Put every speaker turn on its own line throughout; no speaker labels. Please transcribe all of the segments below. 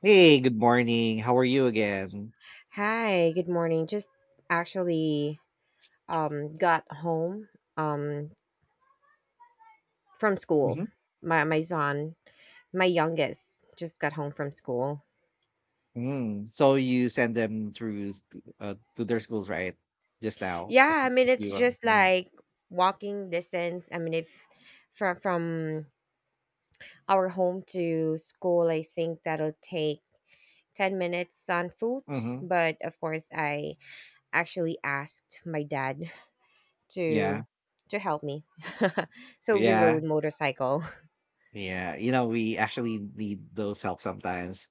Hey, good morning. How are you again?
Hi, good morning. Just actually got home um from school.
Hmm.
My son, my youngest, just got home from school.
Mm. So you send them through to their schools, right? Just now,
Yeah, I
a
mean it's
few.
just like walking distance. I mean if From our home to school, I think that'll take 10 minutes on foot,
Mm-hmm.
but of course I actually asked my dad
Yeah,
to to help me. So we
yeah,
rode motorcycle.
yeah. You know, we actually need those help sometimes,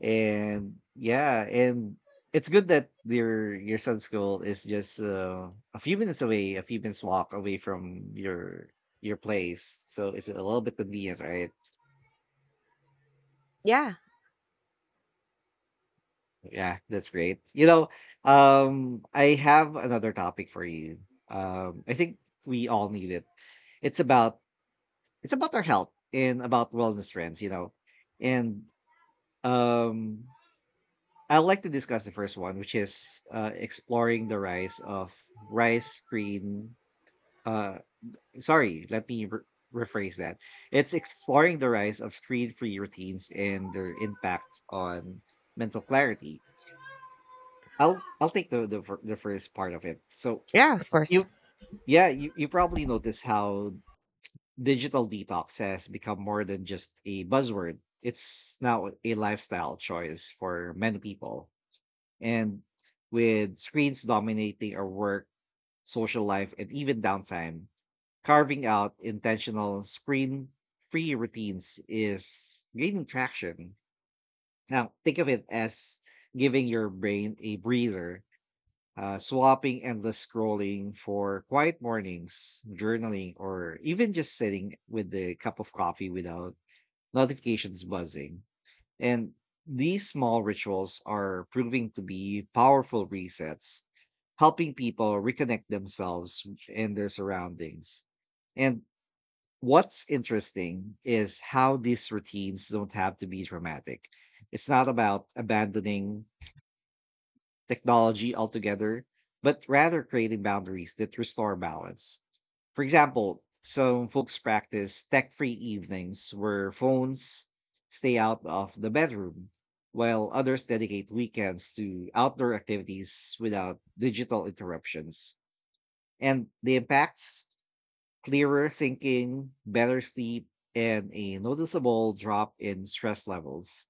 and, yeah, and it's good that your son's school is just a few minutes away, a few minutes walk away from your place. So it's a little bit convenient, right?
Yeah.
Yeah, that's great. You know, I have another topic for you. I think we all need it. It's about it's about our health and about wellness trends. And um, I like to discuss the first one, which is exploring the rise of rice screen. Uh, Sorry, let me rephrase that. It's exploring the rise of screen-free routines and their impact on mental clarity. I'll take the first part of it. So,
Yeah, of course.
you yeah, you probably notice how digital detox has become more than just a buzzword. It's now a lifestyle choice for many people, and with screens dominating our work, social life, and even downtime, carving out intentional screen free routines is gaining traction. Now think of it as giving your brain a breather, swapping endless scrolling for quiet mornings, journaling, or even just sitting with the cup of coffee without notifications buzzing. And these small rituals are proving to be powerful resets, helping people reconnect themselves and their surroundings. And what's interesting is how these routines don't have to be dramatic. It's not about abandoning technology altogether, but rather creating boundaries that restore balance. For example, some folks practice tech free evenings where phones stay out of the bedroom, while others dedicate weekends to outdoor activities without digital interruptions. And the impacts: clearer thinking, better sleep, and a noticeable drop in stress levels.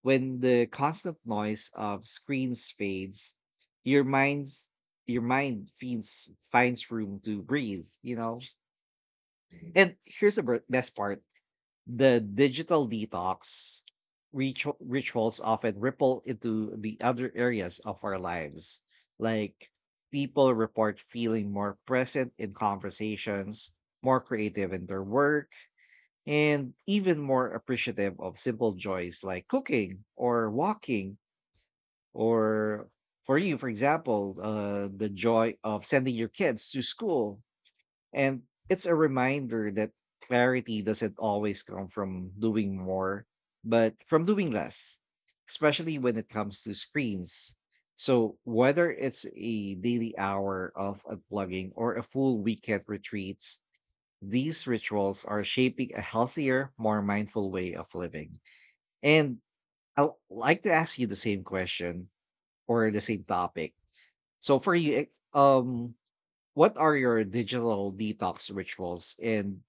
When the constant noise of screens fades, your mind's your mind finds room to breathe. And here's the best part: the digital detox rituals often ripple into the other areas of our lives. Like, people report feeling more present in conversations, more creative in their work, and even more appreciative of simple joys like cooking or walking, or for you, for example, the joy of sending your kids to school. And it's a reminder that clarity doesn't always come from doing more, but from doing less, especially when it comes to screens. So, whether it's a daily hour of unplugging or a full weekend retreats, these rituals are shaping a healthier, more mindful way of living. And I'd like to ask you the same question, or the same topic. So, for you, um, what are your digital detox rituals, and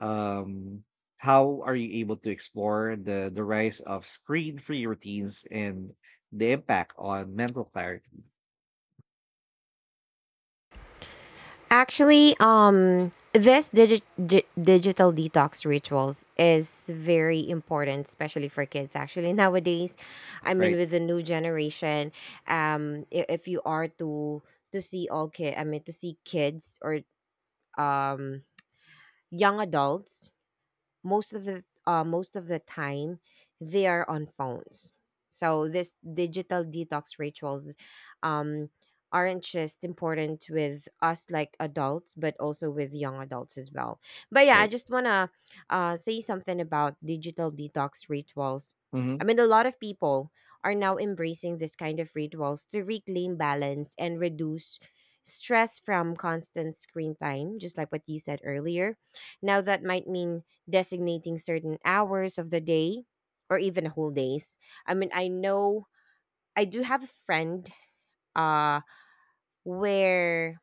um how are you able to explore the rise of screen free routines and the impact on mental clarity?
This digital detox rituals is very important, especially for kids. Actually, nowadays, I mean,
Right.
with the new generation, if you are to see all kid, I mean, to see kids or um young adults, most of the time they are on phones. So this digital detox rituals, um, aren't just important with us like adults but also with young adults as well. But yeah,
Right.
I just want to say something about digital detox rituals.
Mm-hmm.
I mean, a lot of people are now embracing this kind of rituals to reclaim balance and reduce stress from constant screen time, just like what you said earlier. Now that might mean designating certain hours of the day or even whole days. I mean, I know I do have a friend uh where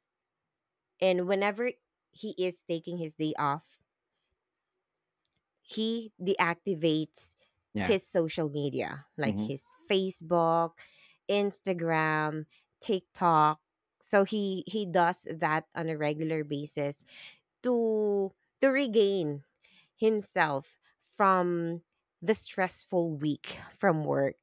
and whenever he is taking his day off, he deactivates
Yeah.
his social media like
Mm-hmm.
his Facebook, Instagram, TikTok. So he does that on a regular basis to regain himself from the stressful week from work.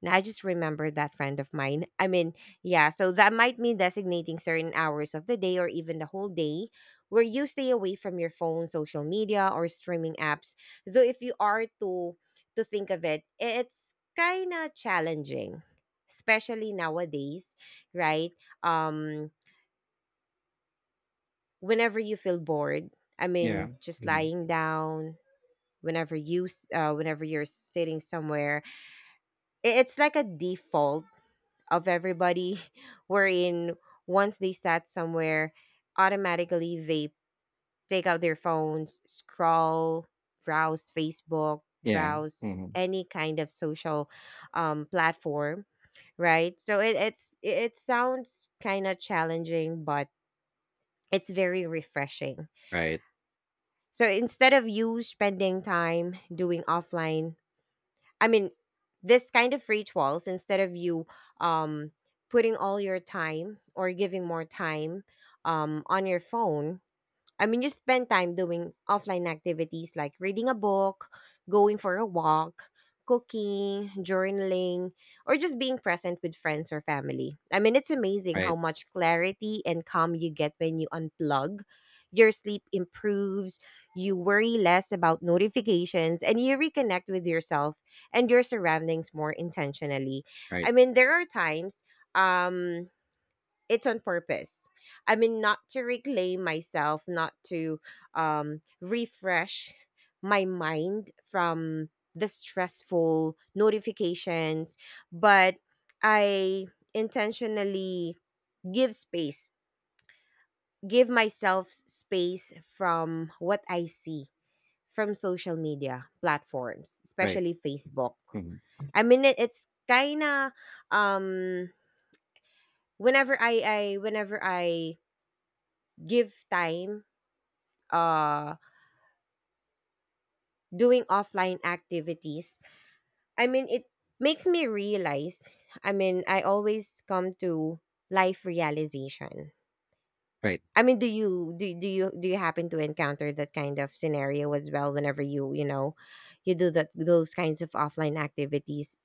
Now, I just remembered that friend of mine. I mean, yeah, so that might mean designating certain hours of the day or even the whole day where you stay away from your phone, social media, or streaming apps. Though if you are to think of it, it's kind of challenging, especially nowadays, right? Um Whenever you feel bored, I
Yeah.
mean, just
Hmm.
lying down, whenever you're sitting somewhere, it's like a default of everybody wherein once they sat somewhere, automatically they take out their phones, scroll, browse Facebook,
Yeah.
browse
Hmm.
any kind of social platform, right? So it, it's it it sounds kind of challenging, but it's very refreshing.
Right.
So instead of you spending time doing offline, I mean, this kind of rituals, instead of you um putting all your time or giving more time on your phone, I mean, you spend time doing offline activities like reading a book, going for a walk, cooking, journaling, or just being present with friends or family. I mean, it's amazing
Right.
how much clarity and calm you get when you unplug. Your sleep improves, you worry less about notifications, and you reconnect with yourself and your surroundings more intentionally.
Right.
I mean, there are times um it's on purpose. I mean, not to reclaim myself, not to refresh my mind from the stressful notifications, but I intentionally give space, space from what I see from social media platforms,
Right.
especially Facebook.
Hmm.
I mean, it's kind of um, whenever I give time uh doing offline activities, I mean it makes me realize, I mean I always come to life realization.
Right.
I mean, do you happen to encounter that kind of scenario as well whenever you, you know, you do that, those kinds of offline activities?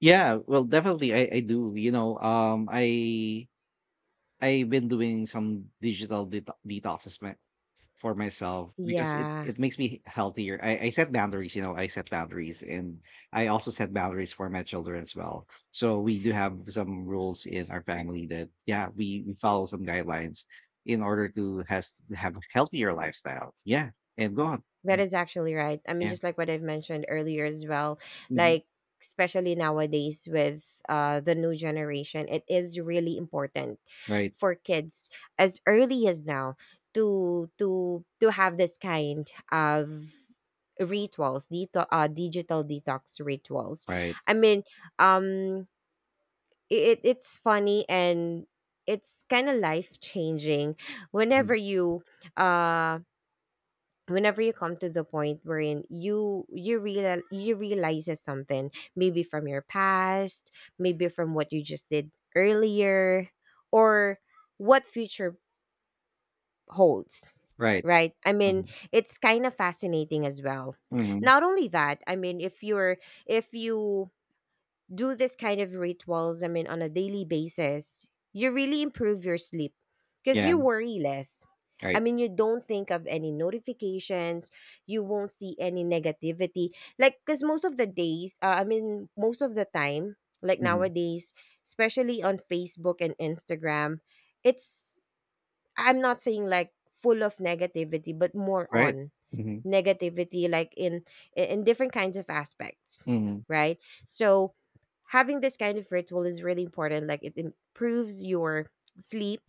Yeah, well, definitely, I do, you know, I've been doing some digital detoxes my for myself because it
Yeah,
it makes me healthier. I set boundaries, you know, I set boundaries, and I also set boundaries for my children as well. So we do have some rules in our family that, yeah, we follow some guidelines in order to have a healthier lifestyle. Yeah. And go on.
that
Mm.
is actually right. I mean,
Yeah.
just like what I've mentioned earlier as well,
Mhm.
like especially nowadays with the new generation, it is really important
Right.
for kids as early as now to have this kind of rituals, digital detox rituals.
Right.
I mean, um, it it's funny and it's kind of life changing whenever
Mhm.
you uh whenever you come to the point wherein you realizes something, maybe from your past, maybe from what you just did earlier, or what future holds,
Right.
right? I mean,
Mhm.
it's kind of fascinating as well.
Mhm.
Not only that, I mean, if you're, if you do this kind of rituals, I mean, on a daily basis, you really improve your sleep because
Yeah.
you worry less. I
Right.
mean, you don't think of any notifications, you won't see any negativity. Like, because most of the days, I mean, most of the time, like
Mhm.
nowadays, especially on Facebook and Instagram, it's, I'm not saying like full of negativity, but more
Right.
on
Mhm.
negativity like in different kinds of aspects,
Mhm.
right? So having this kind of ritual is really important. Like, it improves your sleep,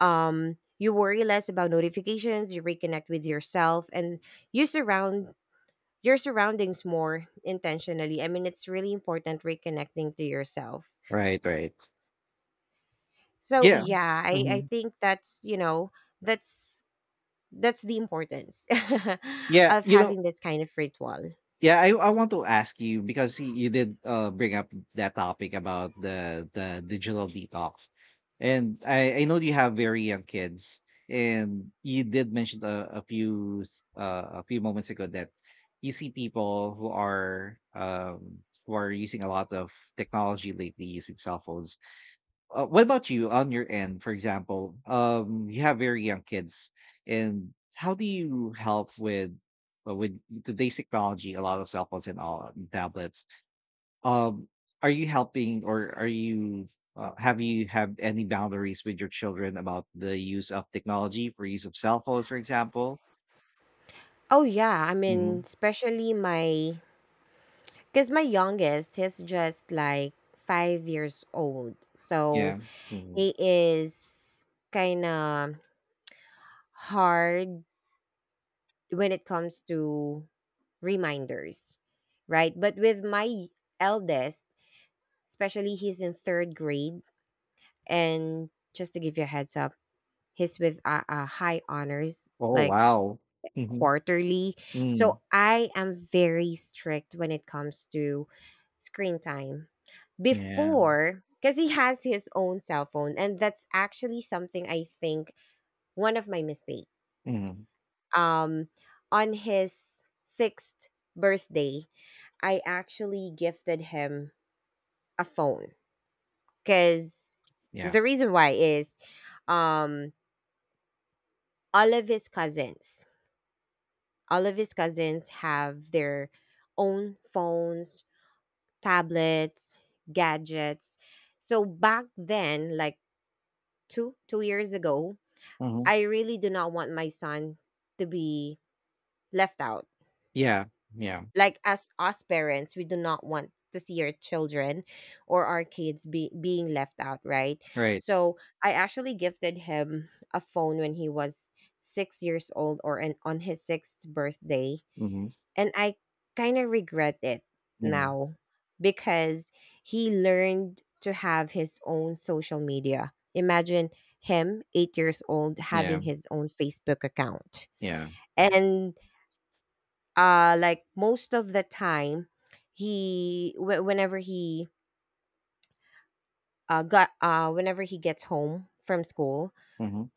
you worry less about notifications, you reconnect with yourself and you surround your surroundings more intentionally. I mean, it's really important reconnecting to yourself.
Right. Right.
So
Yeah.
yeah, I
Mhm.
think that's, you know, that's that's the importance
Yeah,
of
you know,
having this kind of ritual.
yeah, I want to ask you because you did bring up that topic about the digital detox. And I know you have very young kids, and you did mention a few moments ago that you see people who are using a lot of technology lately, using cell phones. What about you on your end? For example, you have very young kids, and how do you help with, with today's technology? A lot of cell phones and all, and tablets. Um, are you helping, or are you, have you have any boundaries with your children about the use of technology, for use of cell phones, for example?
Oh yeah, I mean,
Hmm.
especially my, because my youngest, he's just like 5 years old, so
Yeah. Mhm.
he is kind of hard when it comes to reminders, right? But with my eldest, especially, he's in third grade, and just to give you a heads up, he's with a high honors
Oh,
like
wow. Hmm.
quarterly.
Mm.
So I am very strict when it comes to screen time.
Yeah.
Before, because he has his own cell phone, and that's actually something I think one of my mistake.
Hmm.
Um, on his sixth birthday, I actually gifted him a phone. Because
Yeah.
the reason why is, um, all of his cousins, all of his cousins have their own phones, tablets, gadgets. So back then, like two years ago,
Hmm.
I really do not want my son to be left out.
Yeah. Yeah.
Like, as us parents, we do not want to see our children or our kids be being left out, right?
Right.
So I actually gifted him a phone when he was 6 years old, or an, on his sixth birthday,
Hmm.
and I kind of regret it
Hmm.
now because he learned to have his own social media. Imagine him, 8 years old, having
Yeah.
his own Facebook account.
Yeah.
And like most of the time, he wh- whenever he got whenever he gets home from school,
Mhm.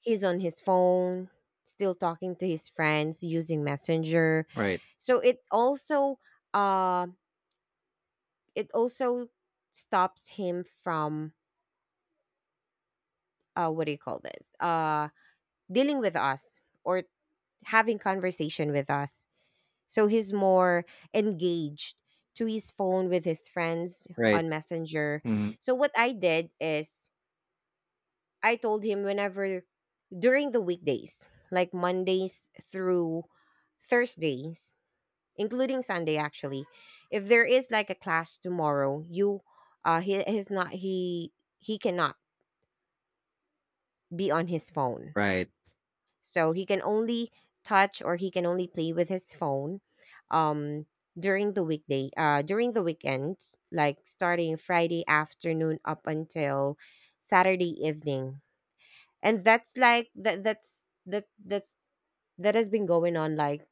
he's on his phone, still talking to his friends using Messenger.
Right.
So um it also stops him from what do you call this dealing with us or having conversation with us. So he's more engaged to his phone with his friends
Right.
on Messenger.
Mhm.
So what I did is I told him, whenever during the weekdays like Mondays through Thursdays, including Sunday actually, if there is like a class tomorrow, you he he's not he he cannot be on his phone.
Right.
So he can only touch or he can only play with his phone um during the weekday during the weekend, like starting Friday afternoon up until Saturday evening. And that's like that has been going on like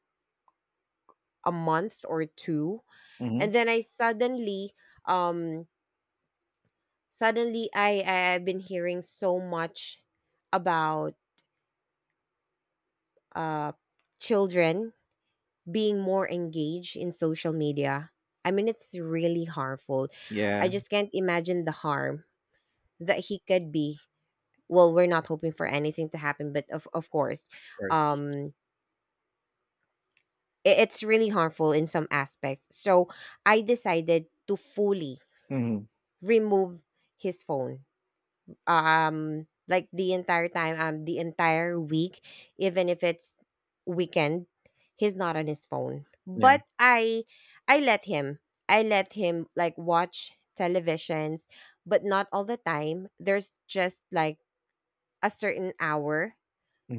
a month or two.
Mhm.
And then I suddenly um I've been hearing so much about uh children being more engaged in social media. I mean, it's really harmful. I
Yeah. Of
just can't imagine the harm that he could be. Well, we're not hoping for anything to happen, but of course,
course.
um, it's really harmful in some aspects. So I decided to fully
Mhm.
remove his phone, like the entire time, the entire week. Even if it's weekend, he's not on his phone,
Yeah.
but I let him, I let him like watch televisions, but not all the time. There's just like a certain hour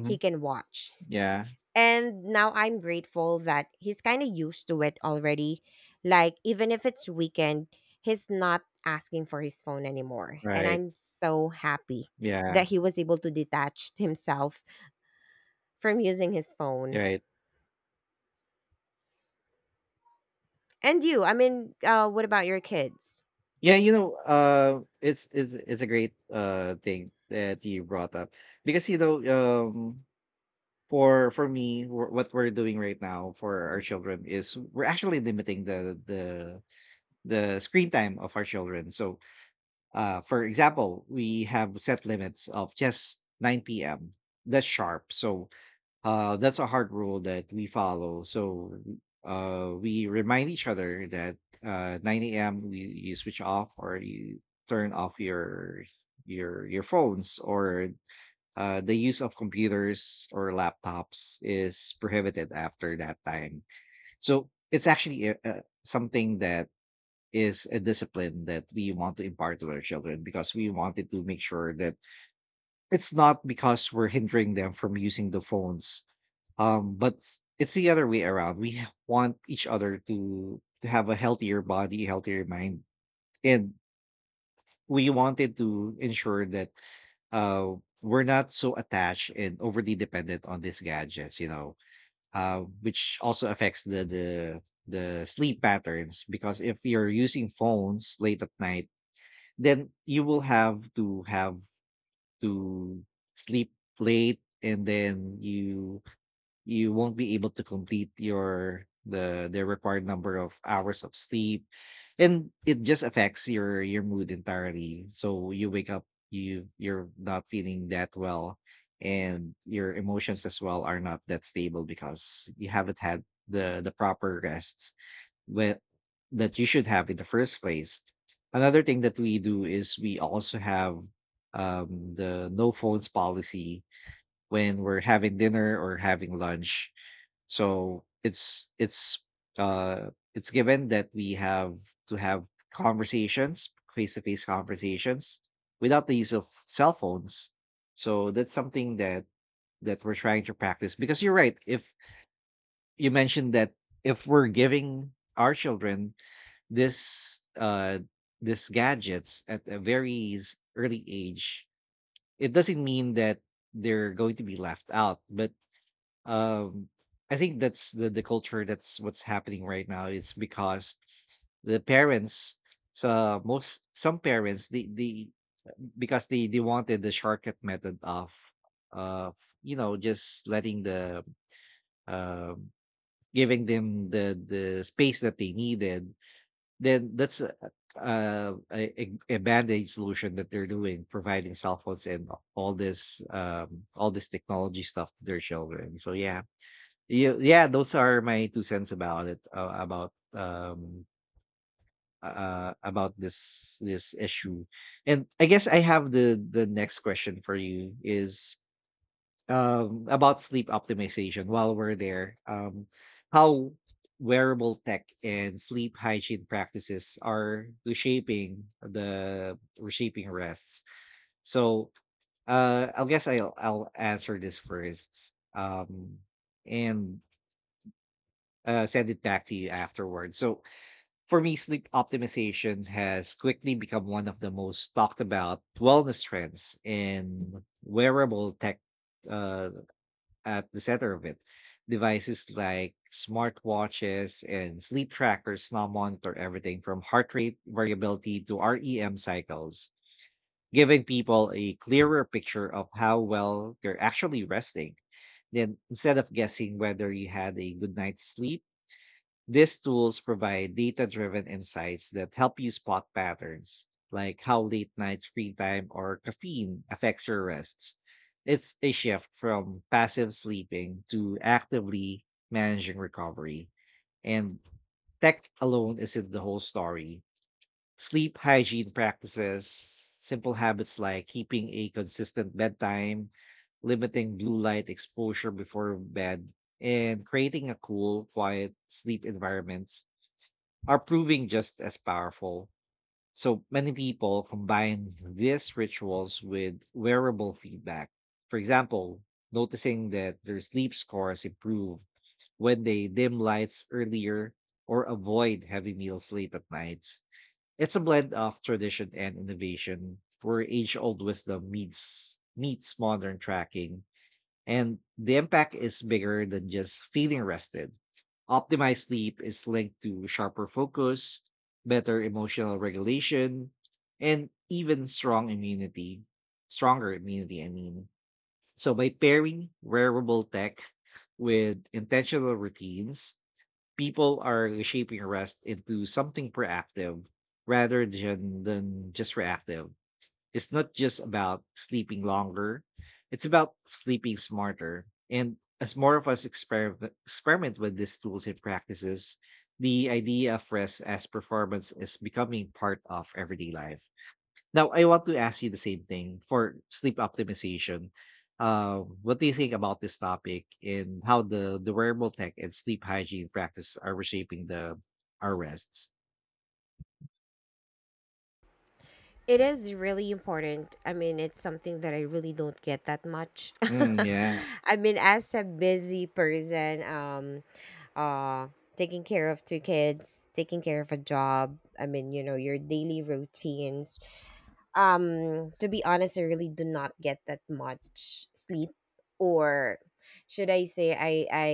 he can watch.
Yeah.
And now I'm grateful that he's kind of used to it already. Like, even if it's weekend, he's not asking for his phone anymore. And
Right.
I'm so happy
Yeah.
that he was able to detach himself from using his phone.
Right.
And you, I mean, what about your kids?
Yeah, you know, it's a great thing that you brought up, because, you know, um, for me, what we're doing right now for our children is we're actually limiting the screen time of our children. So, for example, we have set limits of just 9 p.m. That's sharp. So, that's a hard rule that we follow. So, we remind each other that, 9 a.m. You switch off, or you turn off your phones, or the use of computers or laptops is prohibited after that time. So it's actually something that is a discipline that we want to impart to our children, because we wanted to make sure that it's not because we're hindering them from using the phones, but it's the other way around. We want each other to have a healthier body, healthier mind. And we wanted to ensure that, uh we're not so attached and overly dependent on these gadgets, you know, which also affects the sleep patterns, because if you're using phones late at night, then you will have to sleep late, and then you won't be able to complete your the required number of hours of sleep. And it just affects your mood entirely, so you wake up, you're not feeling that well, and your emotions as well are not that stable because you haven't had the proper rest when that you should have in the first place. Another thing that we do is we also have, the no phones policy when we're having dinner or having lunch. So uh, it's given that we have to have conversations, face to face conversations, without the use of cell phones. So that's something that we're trying to practice, because you're right. If you mentioned that, if we're giving our children this uh this gadgets at a very early age, it doesn't mean that they're going to be left out, but um I think that's the culture, that's what's happening right now. It's because the parents, so most, some parents, the because they wanted the shortcut method of, you know, just letting the, um giving them the space that they needed. Then that's a band-aid solution that they're doing, providing cell phones and all this technology stuff to their children. So yeah. Yeah, yeah, those are my two cents about it, about this issue. And I guess I have the next question for you, is, about sleep optimization. While we're there, how wearable tech and sleep hygiene practices are reshaping, the reshaping rests. So, I guess I'll answer this first, and send it back to you afterwards. So for me, sleep optimization has quickly become one of the most talked about wellness trends, in wearable tech, uh, at the center of it. Devices like smartwatches and sleep trackers now monitor everything from heart rate variability to REM cycles, giving people a clearer picture of how well they're actually resting. Then, instead of guessing whether you had a good night's sleep, these tools provide data driven insights that help you spot patterns, like how late night screen time or caffeine affects your rests. It's a shift from passive sleeping to actively managing recovery. And tech alone isn't the whole story. Sleep hygiene practices, simple habits like keeping a consistent bedtime, limiting blue light exposure before bed, and creating a cool, quiet sleep environment are proving just as powerful. So many people combine these rituals with wearable feedback. For example, noticing that their sleep scores improve when they dim lights earlier or avoid heavy meals late at night. It's a blend of tradition and innovation where age old wisdom meets modern tracking, and the impact is bigger than just feeling rested. Optimized sleep is linked to sharper focus, better emotional regulation, and even strong immunity, stronger immunity, I mean. So by pairing wearable tech with intentional routines, people are reshaping rest into something proactive rather than just reactive. It's not just about sleeping longer, it's about sleeping smarter. And as more of us experiment with these tools and practices, the idea of rest as performance is becoming part of everyday life. Now, I want to ask you the same thing for sleep optimization. What do you think about this topic, and how the wearable tech and sleep hygiene practice are reshaping the our rests?
It is really important. I mean, it's something that I really don't get that much.
Mm, yeah,
I mean, as a busy person, uh taking care of two kids, taking care of a job, I mean, you know, your daily routines, to be honest, I really do not get that much sleep, or should I say, I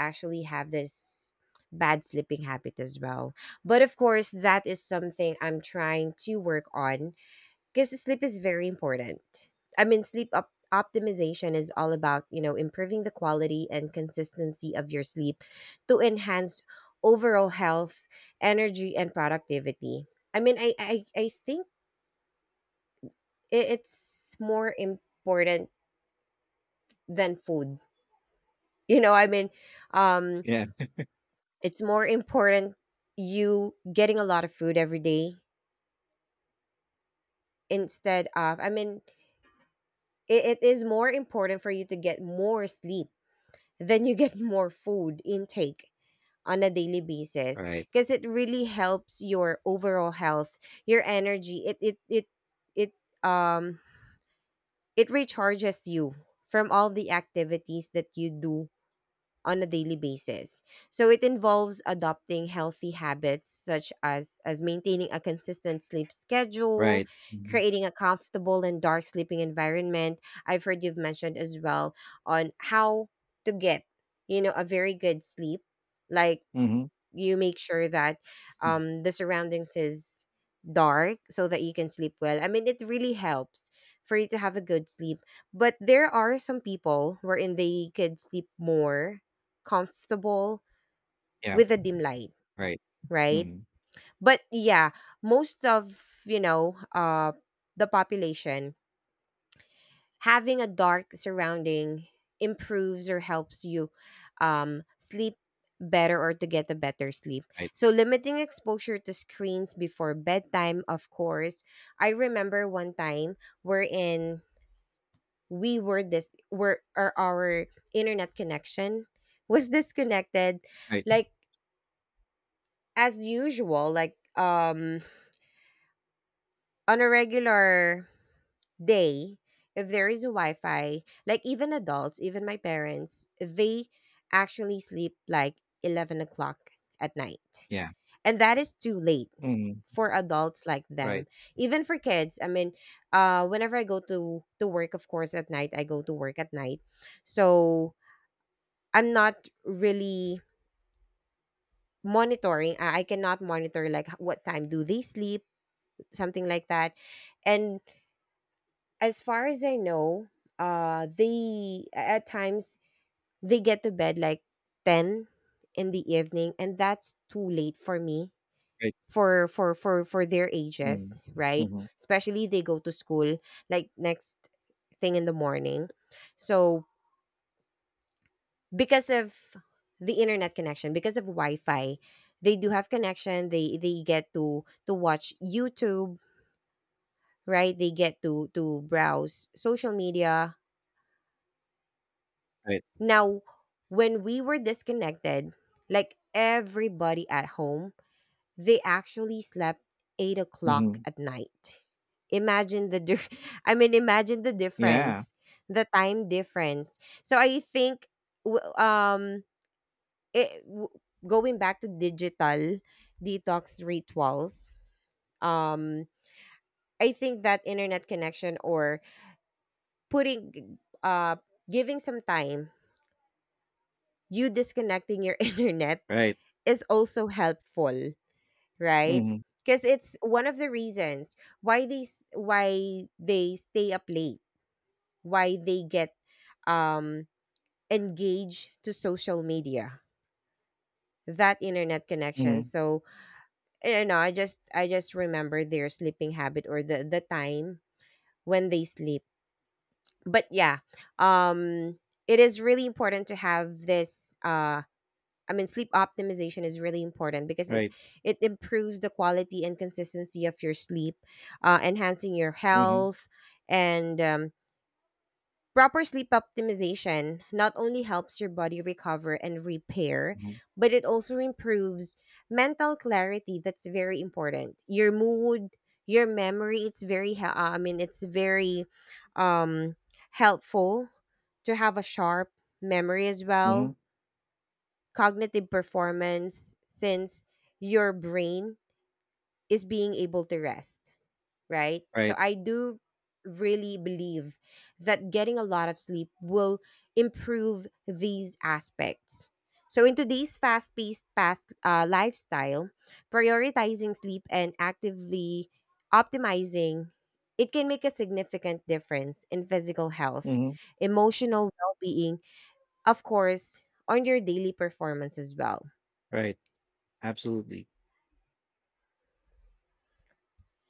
actually have this bad sleeping habit as well, but of course that is something I'm trying to work on, because sleep is very important. I mean, sleep optimization is all about, you know, improving the quality and consistency of your sleep to enhance overall health, energy, and productivity. I mean, I think it's more important than food. You know, I mean, um,
yeah,
it's more important you getting a lot of food every day instead of, I mean, it is more important for you to get more sleep then you get more food intake on a daily basis,
right,
because it really helps your overall health, your energy. It um it recharges you from all the activities that you do on a daily basis. So it involves adopting healthy habits such as maintaining a consistent sleep schedule,
right. Mm-hmm.
creating a comfortable and dark sleeping environment. I've heard you've mentioned as well on how to get, you know, a very good sleep. Like
Mm-hmm.
you make sure that the surroundings is dark so that you can sleep well. I mean, it really helps for you to have a good sleep, but there are some people wherein they could sleep more comfortable
Yeah.
with a dim light,
Right.
right?
Mhm.
But yeah, most of, you know, the population having a dark surrounding improves or helps you sleep better or to get a better sleep.
Right.
So limiting exposure to screens before bedtime, of course. I remember one time wherein we were this were or our internet connection was disconnected,
Right.
like as usual, like on a regular, they, if there is a Wi-Fi, like even adults, even my parents, they actually sleep like 11 o'clock at night,
Yeah.
and that is too late
Mhm.
for adults like them,
Right.
even for kids. I mean, whenever I go to work, of course, at night, I go to work at night. So I'm not really monitoring. I cannot monitor like what time do they sleep, something like that. And as far as I know, they at times they get to bed like ten in the evening, and that's too late for me,
Right.
for their ages,
Mhm.
right?
Mhm.
Especially they go to school like next thing in the morning, so because of the internet connection, because of Wi-Fi, they do have connection. They get to watch YouTube, right? They get to browse social media.
Right.
Now, when we were disconnected, like everybody at home, they actually slept 8 o'clock
Mhm.
at night. Imagine the, I mean, imagine the
Yeah.
difference, the time difference. So I think, w- um, it, w- going back to digital detox rituals, um, I think that internet connection, or putting, giving some time, you disconnecting your internet
Right.
is also helpful, right?
Mhm.
Because it's one of the reasons why why they stay up late, why they get um engaged to social media, that internet connection.
Mhm.
So you know, I just remember their sleeping habit or the time when they sleep. But yeah, um, it is really important to have this. I mean, sleep optimization is really important because
Right.
it improves the quality and consistency of your sleep, enhancing your
Mhm.
health, and proper sleep optimization not only helps your body recover and repair,
Mhm.
but it also improves mental clarity. That's very important. Your mood, your memory. I mean, it's very um, helpful to have a sharp memory as
Mhm.
well, cognitive performance, since your brain is being able to rest, right? So
Right.
I do really believe that getting a lot of sleep will improve these aspects. So in today's fast-paced past lifestyle, prioritizing sleep and actively optimizing it can make a significant difference in physical health,
Mhm.
emotional well-being, of course, on your daily performance as well.
Right. Absolutely.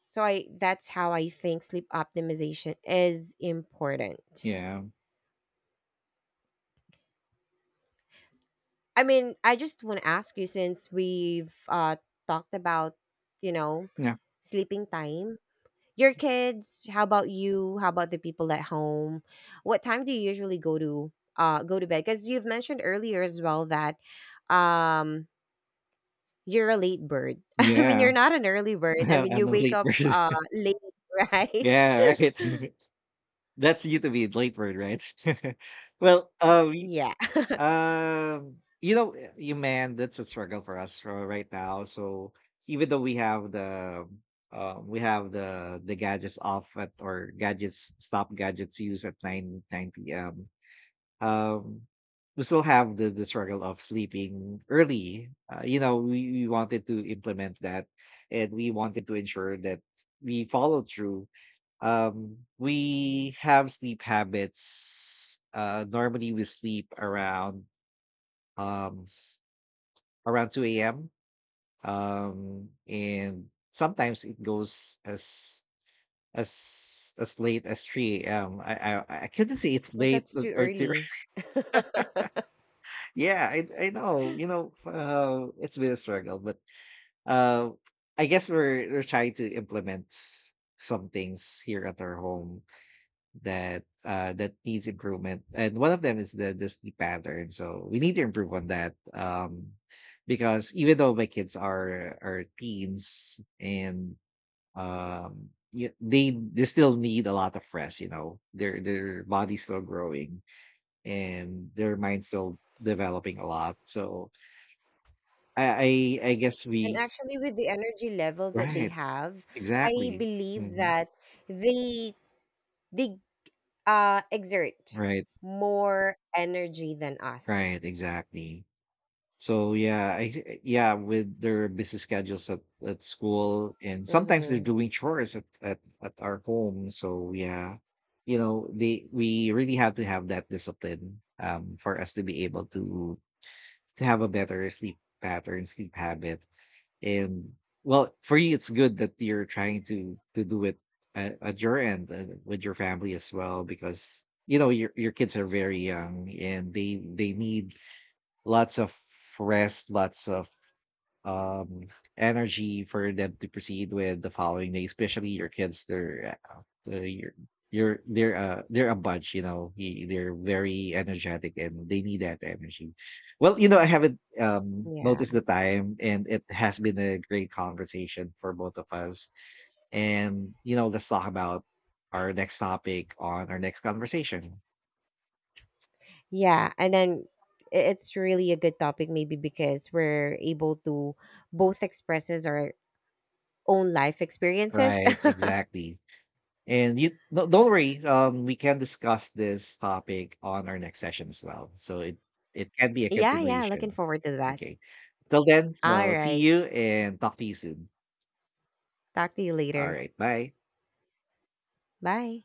So I that's how I think sleep optimization is important.
Yeah.
I mean, I just want to ask you, since we've talked about, you know,
Yeah.
sleeping time. Your kids, how about you? How about the people at home? What time do you usually go to go to bed? Cuz you've mentioned earlier as well that um you're a late bird. I mean,
Yeah.
you're not an early bird. I mean,
I'm
you
a
wake
late
up
bird.
late, right?
Yeah, right. That's you to be a late bird, right? Well,
Yeah.
You know, you man, that's a struggle for us, right now. So even though we have the gadgets off at or gadgets stop gadgets used at nine p.m. Um, we still have the struggle of sleeping early. You know, we wanted to implement that, and we wanted to ensure that we follow through. We have sleep habits. Normally we sleep um, around 2 a.m., and sometimes it goes as late as 3 AM. I couldn't say it's
Well,
late
that's
or
too
three.
early.
Yeah, I know. You know, it's been a struggle, but, uh, I guess we're trying to implement some things here at our home that, that needs improvement. And one of them is the sleep pattern, so we need to improve on that, because even though my kids are teens and they still need a lot of rest, you know. Their body's still growing, and their mind's still developing a lot. So I guess
And
we—
actually, with the energy level that they
Right.
have, I
Exactly.
believe
Hmm.
that they they exert
Right.
more energy than us.
Right. Exactly. So yeah, yeah, with their busy schedules at school, and sometimes they're
Mm-hmm.
doing chores at our home. So yeah, you know, they we really have to have that discipline, for us to be able to have a better sleep pattern, sleep habit. And, well, for you, it's good that you're trying to do it at your end and with your family as well, because, you know, your kids are very young and they need lots of rest, lots of um energy for them to proceed with the following day, especially your kids. They're a bunch, you know, they're very energetic, and they need that energy. Well, you know, I haven't
Yeah,
noticed the time, and it has been a great conversation for both of us. And, you know, let's talk about our next topic on our next conversation.
yeah, and then it's really a good topic, maybe because we're able to both expresses our own life experiences.
Right. Exactly. And you no, don't worry, we can discuss this topic on our next session as well. So it can be a
Yeah, yeah, looking
continuation.
forward to that.
Okay. Till then,
All
so see
right,
you and talk to you soon.
talk to you
All
later.
right, bye.
Bye.